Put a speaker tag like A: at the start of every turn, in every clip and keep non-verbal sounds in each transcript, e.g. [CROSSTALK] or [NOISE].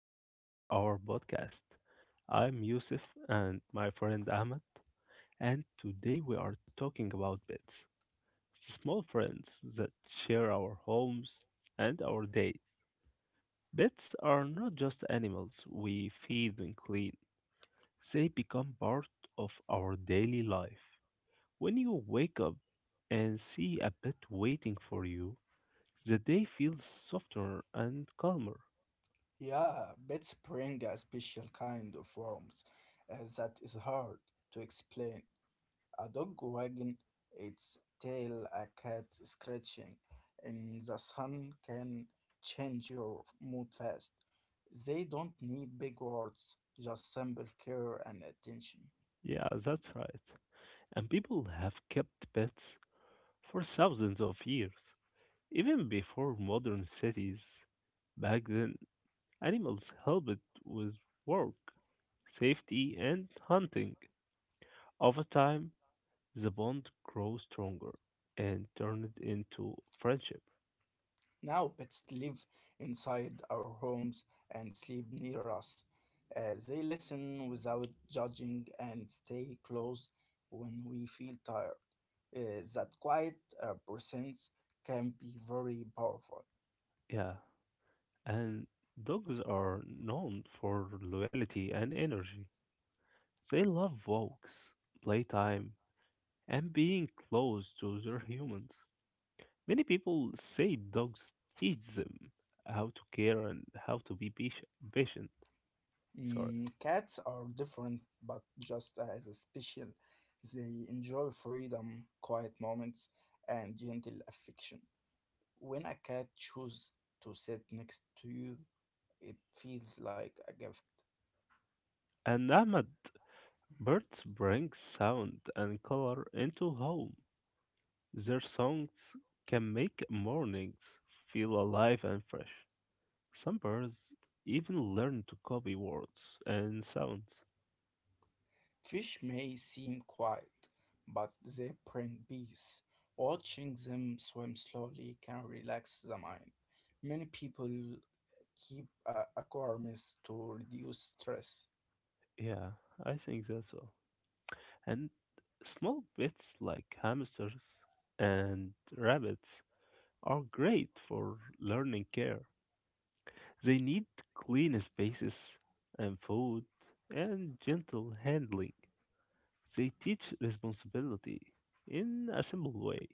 A: back to our podcast. I'm Yusuf and my friend Ahmed, and today we are talking about pets, the small friends that share our homes and our days. Pets are not just animals we feed and clean, they become part of our daily life. When you wake up and see a pet waiting for you, the day feels softer and calmer.
B: Yeah, bits bring a special kind of warmth that is hard to explain. A dog wagging its tail, a cat scratching in the sun can change your mood fast. They don't need big words, just simple care and attention.
A: Yeah, that's right, and people have kept pets for thousands of years. Even before modern cities, back then, animals helped with work, safety, and hunting. Over time, the bond grew stronger and turned into friendship.
B: Now pets live inside our homes and sleep near us. They listen without judging and stay close when we feel tired. That quiet presence can be very powerful.
A: Yeah, and dogs are known for loyalty and energy. They love walks, playtime, and being close to their humans. Many people say dogs teach them how to care and how to be patient. Sorry.
B: Mm, cats are different, but just as special. They enjoy freedom, quiet moments, and gentle affection. When a cat chooses to sit next to you, it feels like a gift.
A: And Ahmad, birds bring sound and color into home. Their songs can make mornings feel alive and fresh. Some birds even learn to copy words and sounds.
B: Fish may seem quiet, but they bring peace. Watching them swim slowly can relax the mind. Many people keep aquariums to reduce stress.
A: Yeah, I think that's all. And small pets like hamsters and rabbits are great for learning care. They need clean spaces and food and gentle handling. They teach responsibility in a simple way.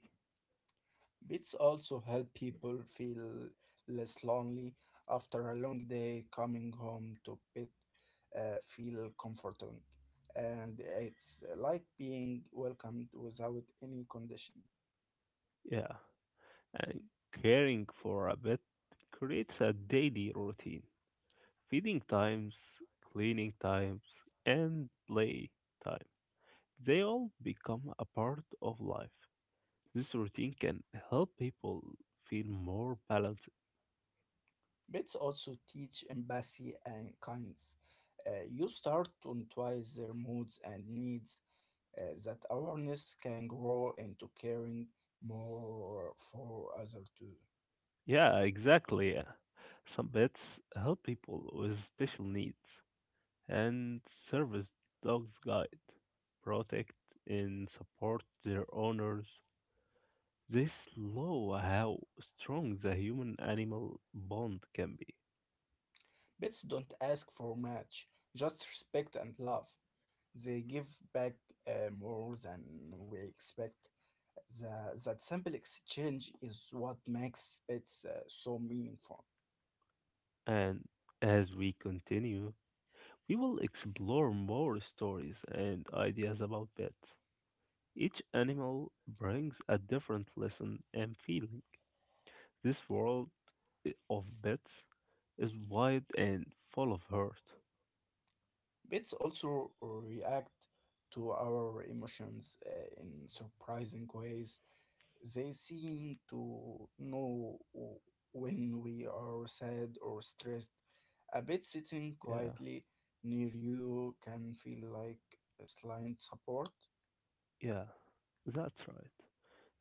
B: Pets also help people feel less lonely after a long day. Coming home to pet feel comforting, and it's like being welcomed without any condition.
A: Yeah, and caring for a pet creates a daily routine. Feeding times, cleaning times, and play time. They all become a part of life. This routine can help people feel more balanced.
B: Pets also teach empathy and kindness. You start to notice their moods and needs. That awareness can grow into caring more for others too.
A: Yeah, exactly. Some pets help people with special needs and serve as dogs guide, protect and support their owners. They slow how strong the human animal bond can be.
B: Pets don't ask for much, just respect and love. They give back more than we expect. That simple exchange is what makes pets so meaningful.
A: And as we continue, we will explore more stories and ideas about pets. Each animal brings a different lesson and feeling. This world of bits is wide and full of hurt.
B: Bits also react to our emotions in surprising ways. They seem to know when we are sad or stressed. A bit sitting
A: Yeah,
B: quietly near you can feel like a slight support.
A: yeah, that's right.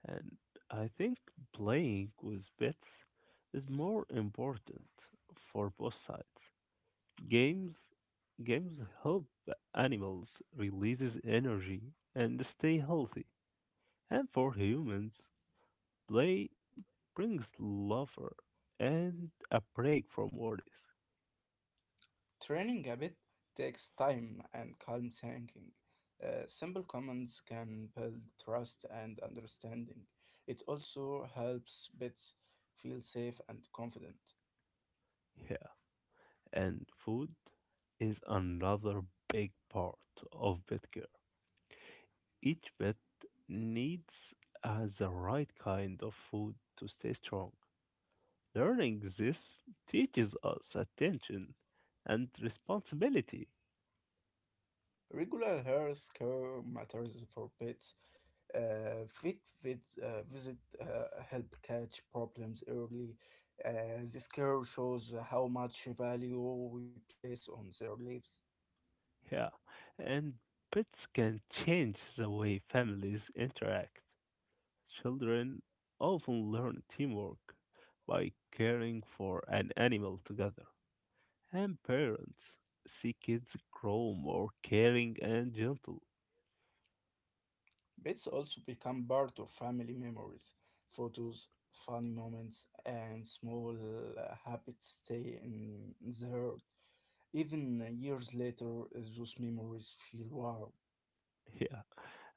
A: And I think playing with bits is more important for both sides. Games games help animals releases energy and stay healthy. And for humans, play brings laughter and a break from worries.
B: Training habit takes time and calm thinking. Simple comments can build trust and understanding. It also helps pets feel safe and confident.
A: [LAUGHS] And food is another big part of pet care. Each pet needs has the right kind of food to stay strong. Learning this teaches us attention and responsibility.
B: Regular health care matters for pets. Visit help catch problems early. This care shows how much value we place on their lives.
A: Yeah, and pets can change the way families interact. Children often learn teamwork by caring for an animal together. And parents see kids grow more caring and gentle.
B: Pets also become part of family memories. Photos, funny moments, and small habits stay in the heart. Even years later, those memories feel warm.
A: Yeah.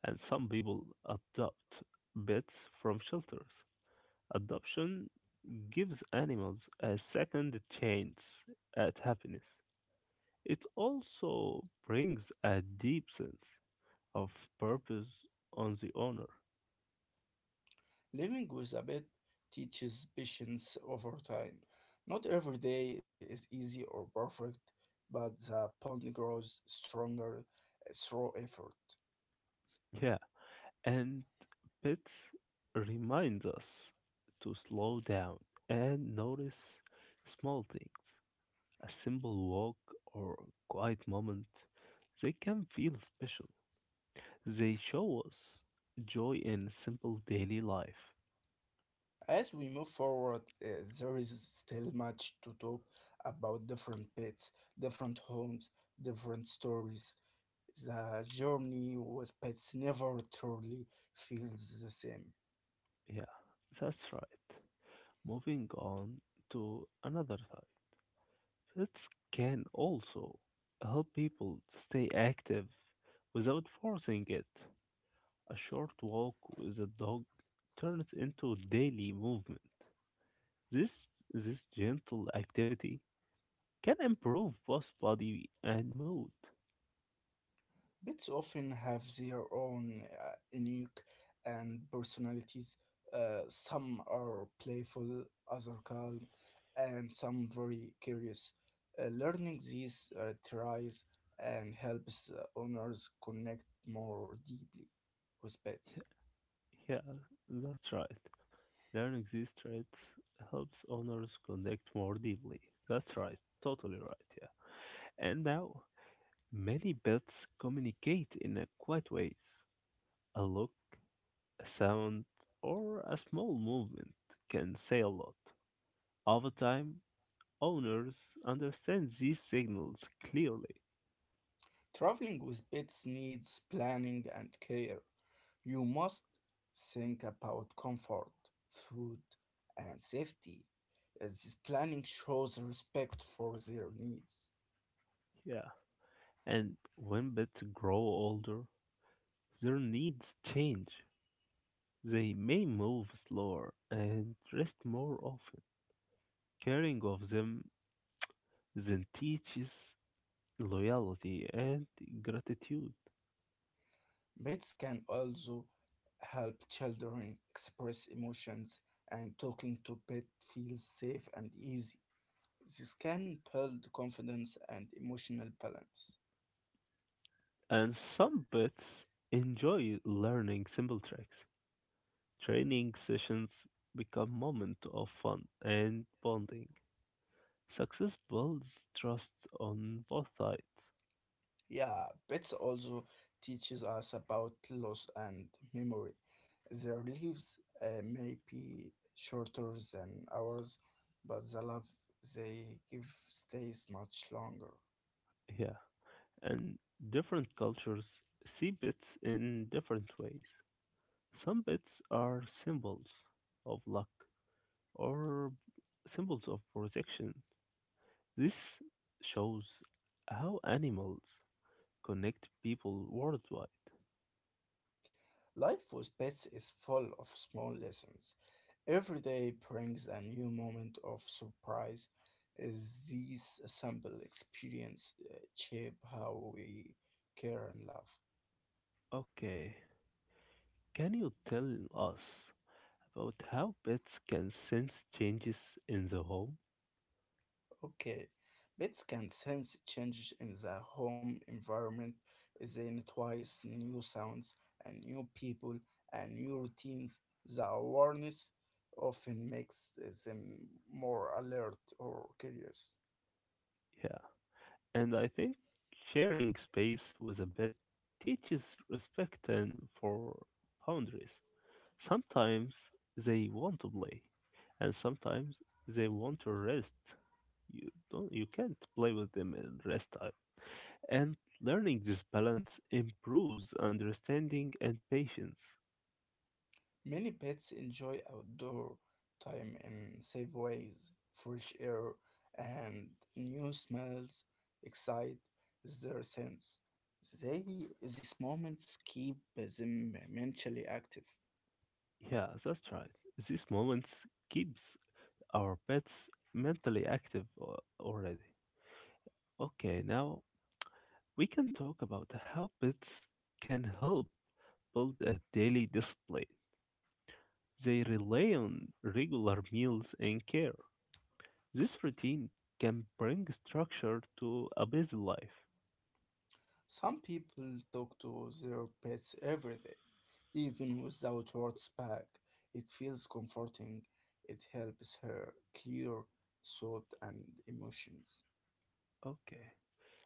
A: And some people adopt pets from shelters. Adoption gives animals a second chance at happiness. It also brings a deep sense of purpose on the owner.
B: Living with a pet teaches patience over time. Not every day is easy or perfect, but the bond grows stronger through effort.
A: Yeah. And pets remind us to slow down and notice small things, a simple walk, or quiet moment, they can feel special. They show us joy in simple daily life.
B: As we move forward, there is still much to talk about different pets, different homes, different stories. The journey with pets never truly feels the same.
A: Yeah, that's right. Moving on to another type. It can also help people stay active without forcing it. A short walk with a dog turns into daily movement. This gentle activity can improve both body and mood.
B: Pets often have their own unique and personalities. Some are playful, others calm, and some very curious. Learning these tries and helps owners connect more deeply with pets.
A: Yeah, that's right. Learning these traits helps owners connect more deeply. That's right, totally right, yeah. And now, many pets communicate in a quiet ways. A look, a sound, or a small movement can say a lot. Over time, owners understand these signals clearly.
B: Traveling with pets needs planning and care. You must think about comfort, food, and safety. As This planning shows respect for their needs.
A: Yeah. And when pets grow older, their needs change. They may move slower and rest more often. Caring of them then teaches loyalty and gratitude.
B: Pets can also help children express emotions, and talking to pet feels safe and easy. This can build confidence and emotional balance.
A: And some pets enjoy learning simple tricks. Training sessions become moments of fun and bonding. Success builds trust on both sides.
B: Yeah, pets also teaches us about loss and memory. Their lives may be shorter than ours, but the love they give stays much longer.
A: Yeah. And different cultures see bits in different ways. Some bits are symbols of luck, or symbols of protection. This shows how animals connect people worldwide.
B: Life with pets is full of small lessons. Every day brings a new moment of surprise. Is These simple experience shape how we care and love.
A: Okay, can you tell us about how pets can sense changes in the home?
B: Okay, pets can sense changes in the home environment. They notice new sounds and new people and new routines. The awareness often makes them more alert or curious.
A: Yeah, and I think sharing space with a pet teaches respect and for boundaries. Sometimes they want to play, and sometimes they want to rest. You don't you can't play with them in rest time. And learning this balance improves understanding and patience.
B: Many pets enjoy outdoor time in safe ways. Fresh air and new smells excite their sense. They, these moments keep them mentally active.
A: Yeah, that's right. These moments keeps our pets mentally active already. Okay, now we can talk about how pets can help build a daily discipline. They rely on regular meals and care. This routine can bring structure to a busy life.
B: Some people talk to their pets every day, even without words back. It feels comforting. It helps her clear thought and emotions.
A: Okay.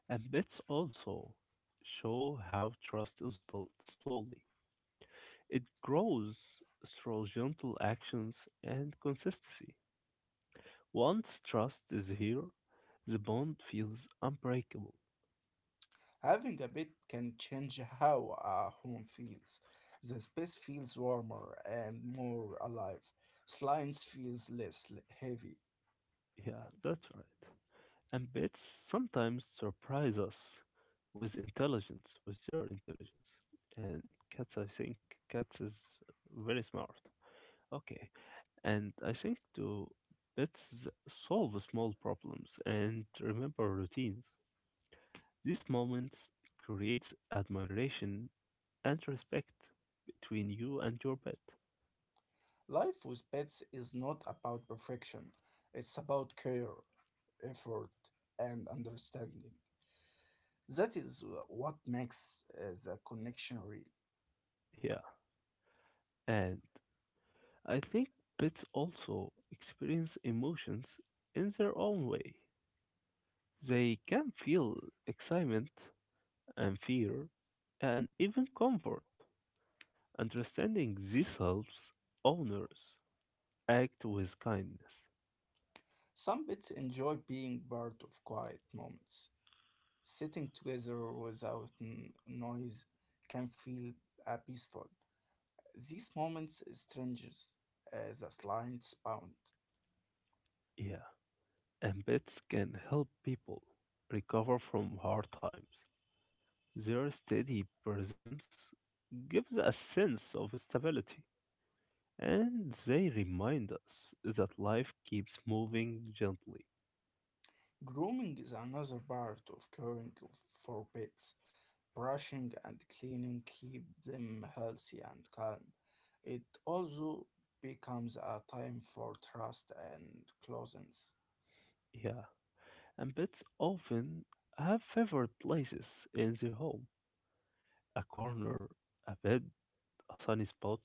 A: And bets also show how trust is built slowly. It grows through gentle actions and consistency. Once trust is here, the bond feels unbreakable.
B: Having a pet can change how a home feels. The space feels warmer and more alive. Silence feels heavy.
A: Yeah, that's right. And bets sometimes surprise us with intelligence, with their intelligence. And cats, I think, cats is very smart. Okay. And I think to let's solve small problems and remember routines. These moments creates admiration and respect between you and your pet.
B: Life with pets is not about perfection. It's about care, effort, and understanding. That is what makes the connection real.
A: Yeah. And I think pets also experience emotions in their own way. They can feel excitement and fear and even comfort. Understanding this helps owners act with kindness.
B: Some pets enjoy being part of quiet moments. Sitting together without noise can feel peaceful. These moments strangers as a slight bound.
A: Yeah, and pets can help people recover from hard times. Their steady presence gives a sense of stability, and they remind us that life keeps moving gently.
B: Grooming is another part of caring for pets. Brushing and cleaning keep them healthy and calm. It also becomes a time for trust and closeness.
A: Yeah, and pets often have favorite places in the home, a corner, a bed, a sunny spot,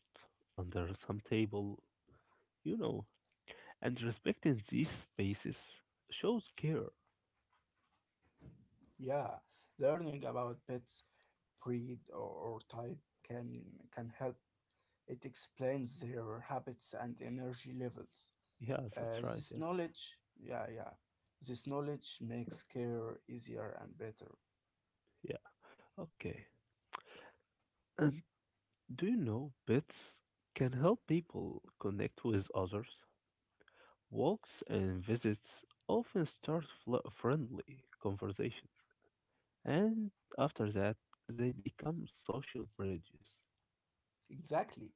A: under some table, you know. And respecting these spaces shows care.
B: Yeah, learning about pets' breed or type can can help. It explains their habits and energy levels.
A: Yeah, that's right,
B: This
A: yeah.
B: knowledge, yeah, this knowledge makes care easier and better.
A: Yeah. Okay. And do you know pets can help people connect with others? Walks and visits often start friendly conversations, and after that, they become social bridges.
B: Exactly.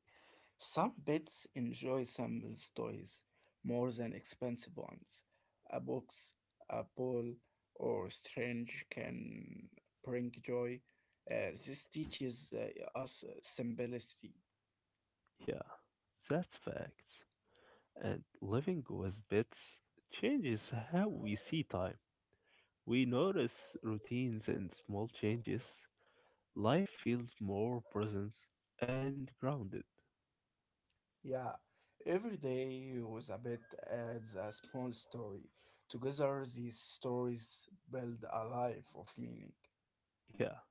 B: Some pets enjoy simple toys more than expensive ones. A box, a ball, or strange can bring joy. This teaches us simplicity.
A: Yeah, that's facts. And living with pets changes how we see time. We notice routines and small changes. Life feels more present and grounded.
B: Yeah, every day was a bit adds a small story. Together, these stories build a life of meaning.
A: Yeah.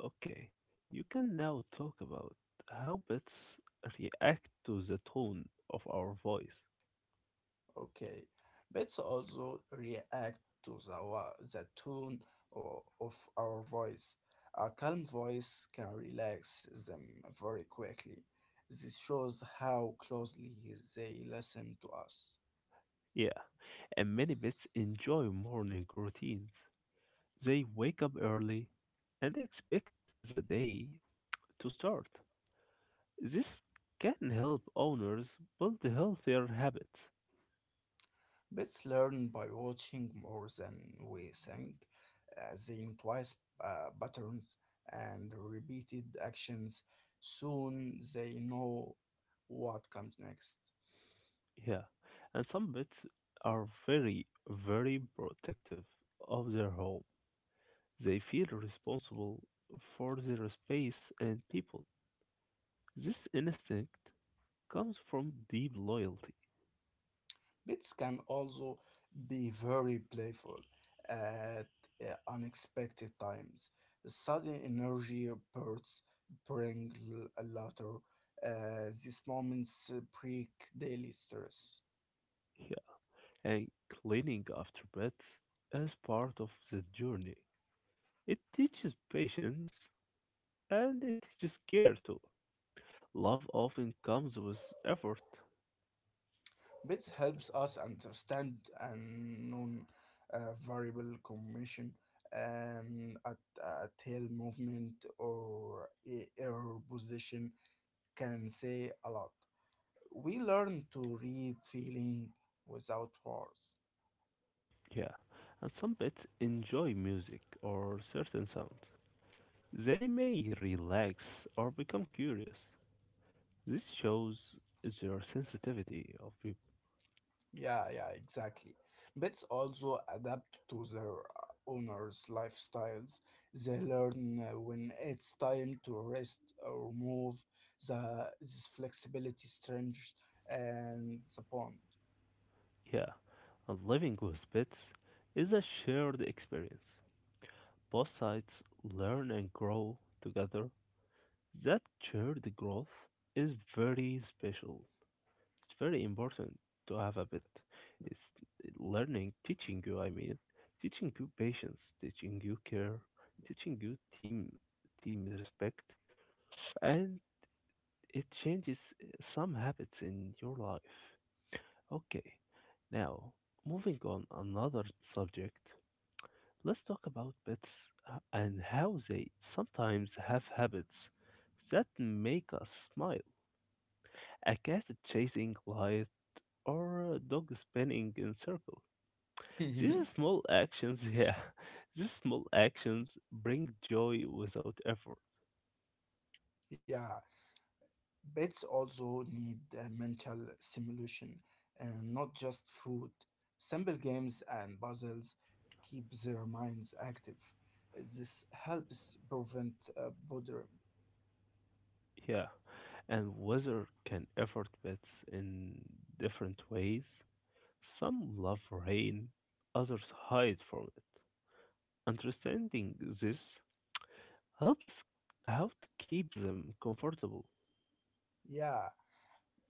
A: Okay, you can now talk about how pets react to the tone of our voice.
B: Okay, bits also react to the tone of our voice. A calm voice can relax them very quickly. This shows how closely they listen to us.
A: Yeah, and many pets enjoy morning routines. They wake up early and expect the day to start. This can help owners build healthier habits.
B: Pets learn by watching more than we think. They notice patterns and repeated actions. Soon they know what comes next.
A: Yeah, and some pets are very, very protective of their home. They feel responsible for their space and people. This instinct comes from deep loyalty.
B: Pets can also be very playful at unexpected times. Sudden energy bursts bring laughter. These moments break daily stress.
A: Yeah, and cleaning after pets as part of the journey. It teaches patience and it teaches care too. Love often comes with effort.
B: Bits helps us understand and non variable commission and a tail movement or a error position can say a lot. We learn to read feeling without words.
A: Yeah, and some pets enjoy music or certain sounds. They may relax or become curious. This shows their sensitivity of people.
B: Yeah, exactly. Pets also adapt to their owners' lifestyles. They learn when it's time to rest or move. The this flexibility strengthens and the bond.
A: Yeah, and living with pets is a shared experience. Both sides learn and grow together, that shared growth is very special. It's very important to have a bit. It's learning, teaching you, I mean, teaching you patience, teaching you care, teaching you team respect, and it changes some habits in your life. Okay, now moving on another subject. Let's talk about pets and how they sometimes have habits that make us smile. A cat chasing light or a dog spinning in circles. These
B: [LAUGHS]
A: small actions, [LAUGHS] yeah, these small actions bring joy without effort.
B: Yeah, pets also need mental stimulation and not just food. Simple games and puzzles keep their minds active. This helps prevent boredom.
A: Yeah, and weather can effort pets in different ways. Some love rain, others hide from it. Understanding this helps how to keep them comfortable.
B: Yeah,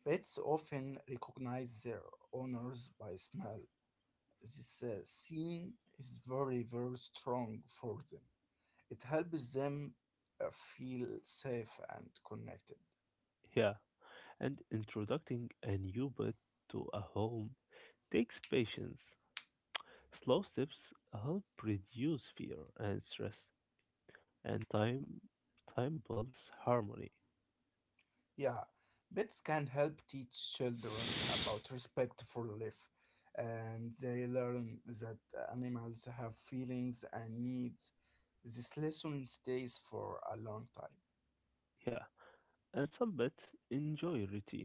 B: pets often recognize their owners by smell. This scene is very, very strong for them. It helps them feel safe and connected.
A: Yeah, and introducing a new pet to a home takes patience. Slow steps help reduce fear and stress, and time builds harmony.
B: Yeah, pets can help teach children about respect for life, and they learn that animals have feelings and needs. This lesson stays for a long time.
A: Yeah, and some pets enjoy routine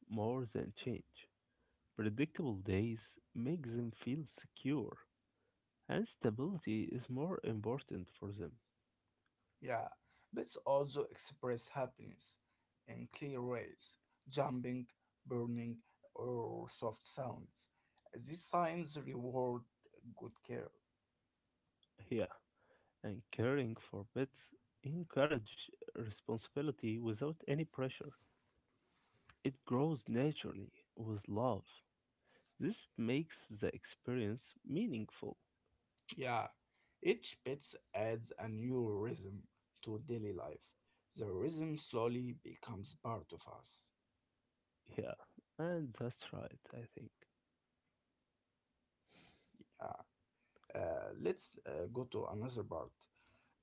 A: more than change. Predictable days make them feel secure, and stability is more important for them.
B: Yeah, pets also express happiness in clear ways jumping, burning, or soft sounds. These signs reward good care.
A: Yeah, and caring for pets encourage responsibility without any pressure. It grows naturally with love. This makes the experience meaningful.
B: Yeah, each pet adds a new rhythm to daily life. The rhythm slowly becomes part of us.
A: Yeah, and that's right, I think.
B: Yeah. Let's go to another part.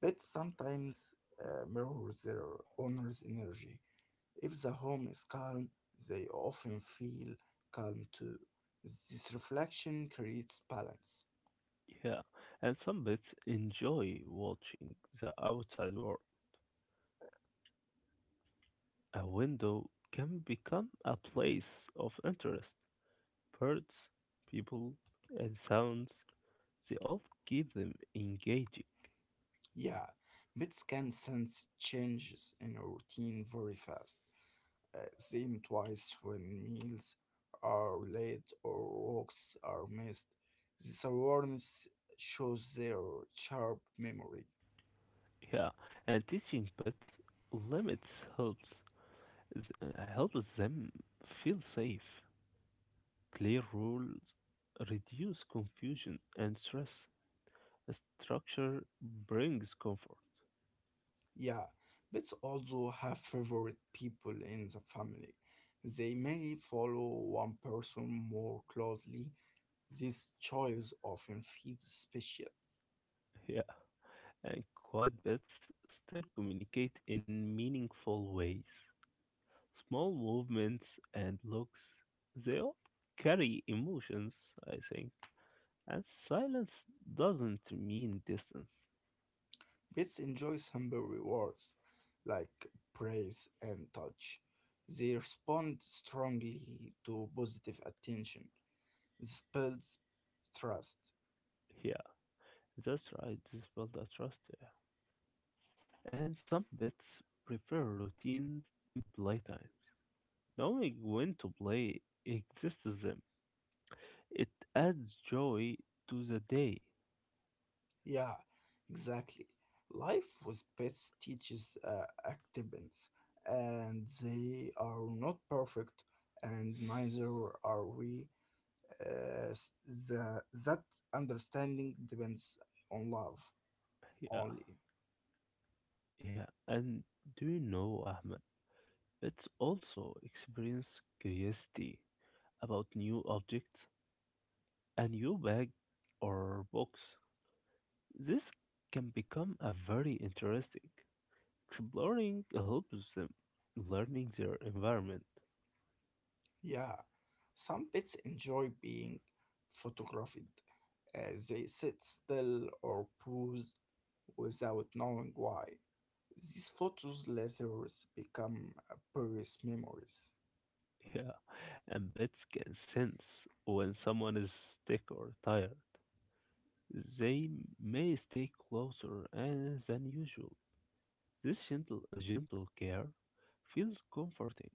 B: Pets sometimes mirror their owner's energy. If the home is calm, they often feel calm too. This reflection creates balance.
A: Yeah, and some pets enjoy watching the outside world. A window can become a place of interest. Birds, people, and sounds, they all keep them engaging.
B: Yeah, pets can sense changes in our routine very fast. Seeing twice when meals are late or walks are missed. This awareness shows their sharp memory.
A: Yeah, and teaching pets limits helps helps them feel safe. Clear rules reduce confusion and stress. Structure brings comfort.
B: Yeah, pets also have favorite people in the family. They may follow one person more closely. These choices often feed special.
A: Yeah, and quiet pets still communicate in meaningful ways. Small movements and looks, they all carry emotions, I think. And silence doesn't mean distance.
B: Pets enjoy simple rewards like praise and touch. They respond strongly to positive attention. This builds trust.
A: Yeah, that's right. This build a trust, yeah. And some pets prefer routine playtime. Knowing when to play exists them. It adds joy to the day.
B: Yeah, exactly. Life with pets teaches acceptance, and they are not perfect, and neither are we. That understanding depends on love
A: Yeah,
B: only.
A: yeah. And do you know, Ahmed, pets also experience curiosity about new objects, a new bag or box. This can become a very interesting. Exploring helps them learning their environment.
B: Yeah, some pets enjoy being photographed. They sit still or pose without knowing why. These photos later become purest memories.
A: [LAUGHS] And pets can sense when someone is sick or tired. They may stay closer and than usual. This gentle care feels comforting.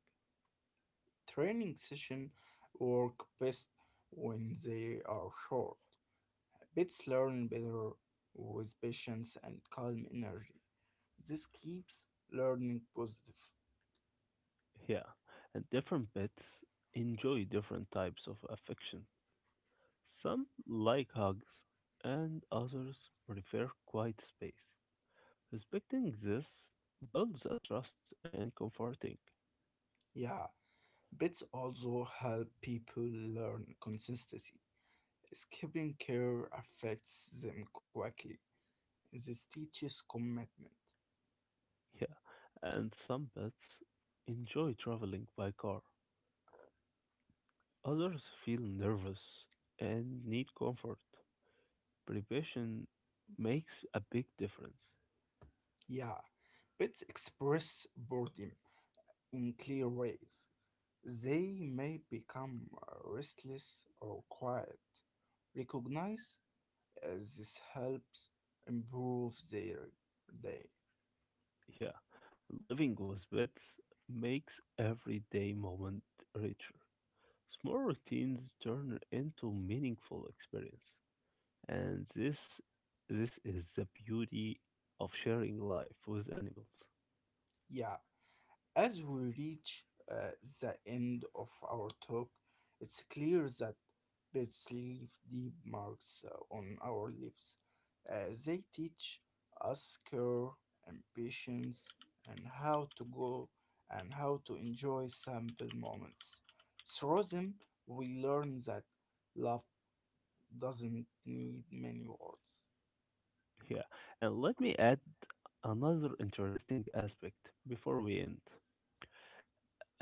B: Training sessions work best when they are short. Pets learn better with patience and calm energy. This keeps learning positive.
A: Yeah, and different pets enjoy different types of affection. Some like hugs, and others prefer quiet space. Respecting this builds a trust and comforting.
B: Yeah, bits also help people learn consistency. Skipping care affects them quickly. This teaches commitment.
A: Yeah, and some pets enjoy traveling by car. Others feel nervous and need comfort. Prevention makes a big difference.
B: Yeah, pets express boredom in clear ways. They may become restless or quiet. Recognize this helps improve their day.
A: Yeah, living with pets makes everyday moment richer. Small routines turn into meaningful experience, and this is the beauty of sharing life with animals.
B: Yeah, as we reach uh, the end of our talk, it's clear that pets leave deep marks on our lives. They teach us care and patience and how to enjoy simple moments. Through them, we learn that love doesn't need many words.
A: Yeah, and let me add another interesting aspect before we end,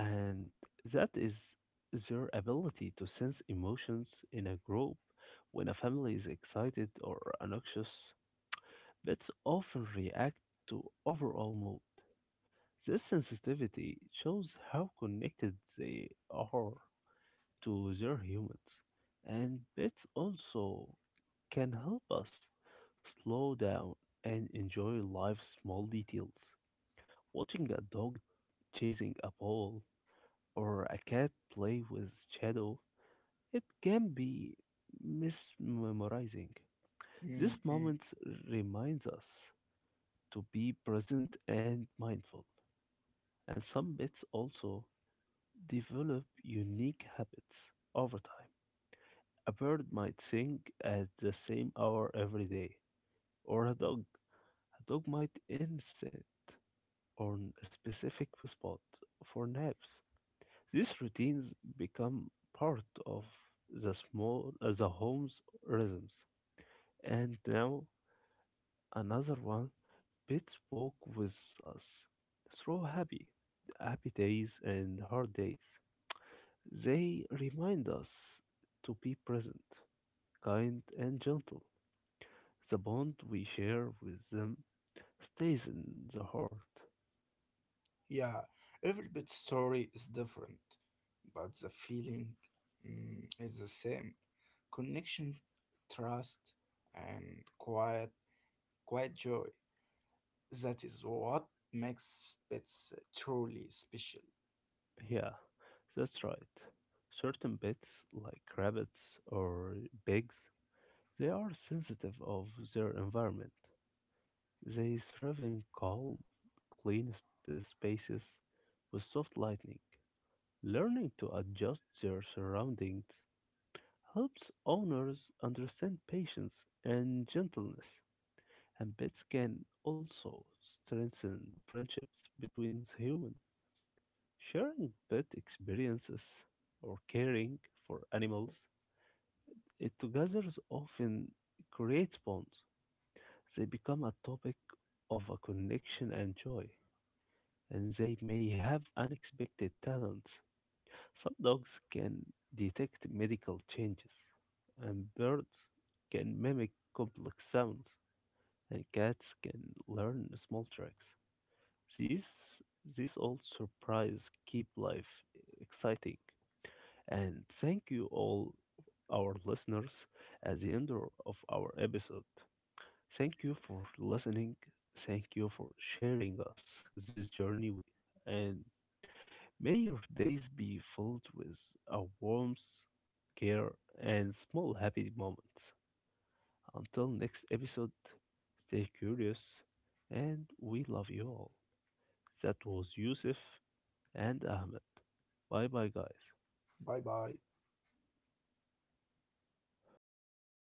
A: and that is their ability to sense emotions in a group when a family is excited or anxious. Pets often react to overall mood. This sensitivity shows how connected they are to their humans, and pets also can help us slow down and enjoy life's small details. Watching a dog chasing a ball or a cat play with shadow, it can be mesmerizing.
B: Hmm,
A: These
B: hmm.
A: moments reminds us to be present and mindful, and some pets also develop unique habits over time. A bird might sing at the same hour every day, or a dog. A dog might insist on a specific spot for naps. These routines become part of the home's rhythms. And now another one, pets walk with us through happy days and hard days. They remind us to be present, kind and gentle. The bond we share with them stays in the heart.
B: Yeah, every pet story is different, but the feeling is the same. Connection, trust, and quiet joy. That is what makes pets truly special.
A: Yeah, that's right. Certain pets like rabbits or pigs, they are sensitive of their environment. They thrive in calm, clean spaces with soft lighting. Learning to adjust their surroundings helps owners understand patience and gentleness, and pets can also strengthen friendships between humans. Sharing pet experiences or caring for animals, it together often creates bonds. They become a topic of a connection and joy, and they may have unexpected talents. Some dogs can detect medical changes, and birds can mimic complex sounds, and cats can learn small tricks. These this all surprise keep life exciting. And thank you all our listeners at the end of our episode. Thank you for listening. Thank you for sharing us this journey. And may your days be filled with a warmth, care, and small happy moments. Until next episode, stay curious and we love you all. That was Yusuf and Ahmed. Bye bye, guys.
B: Bye bye.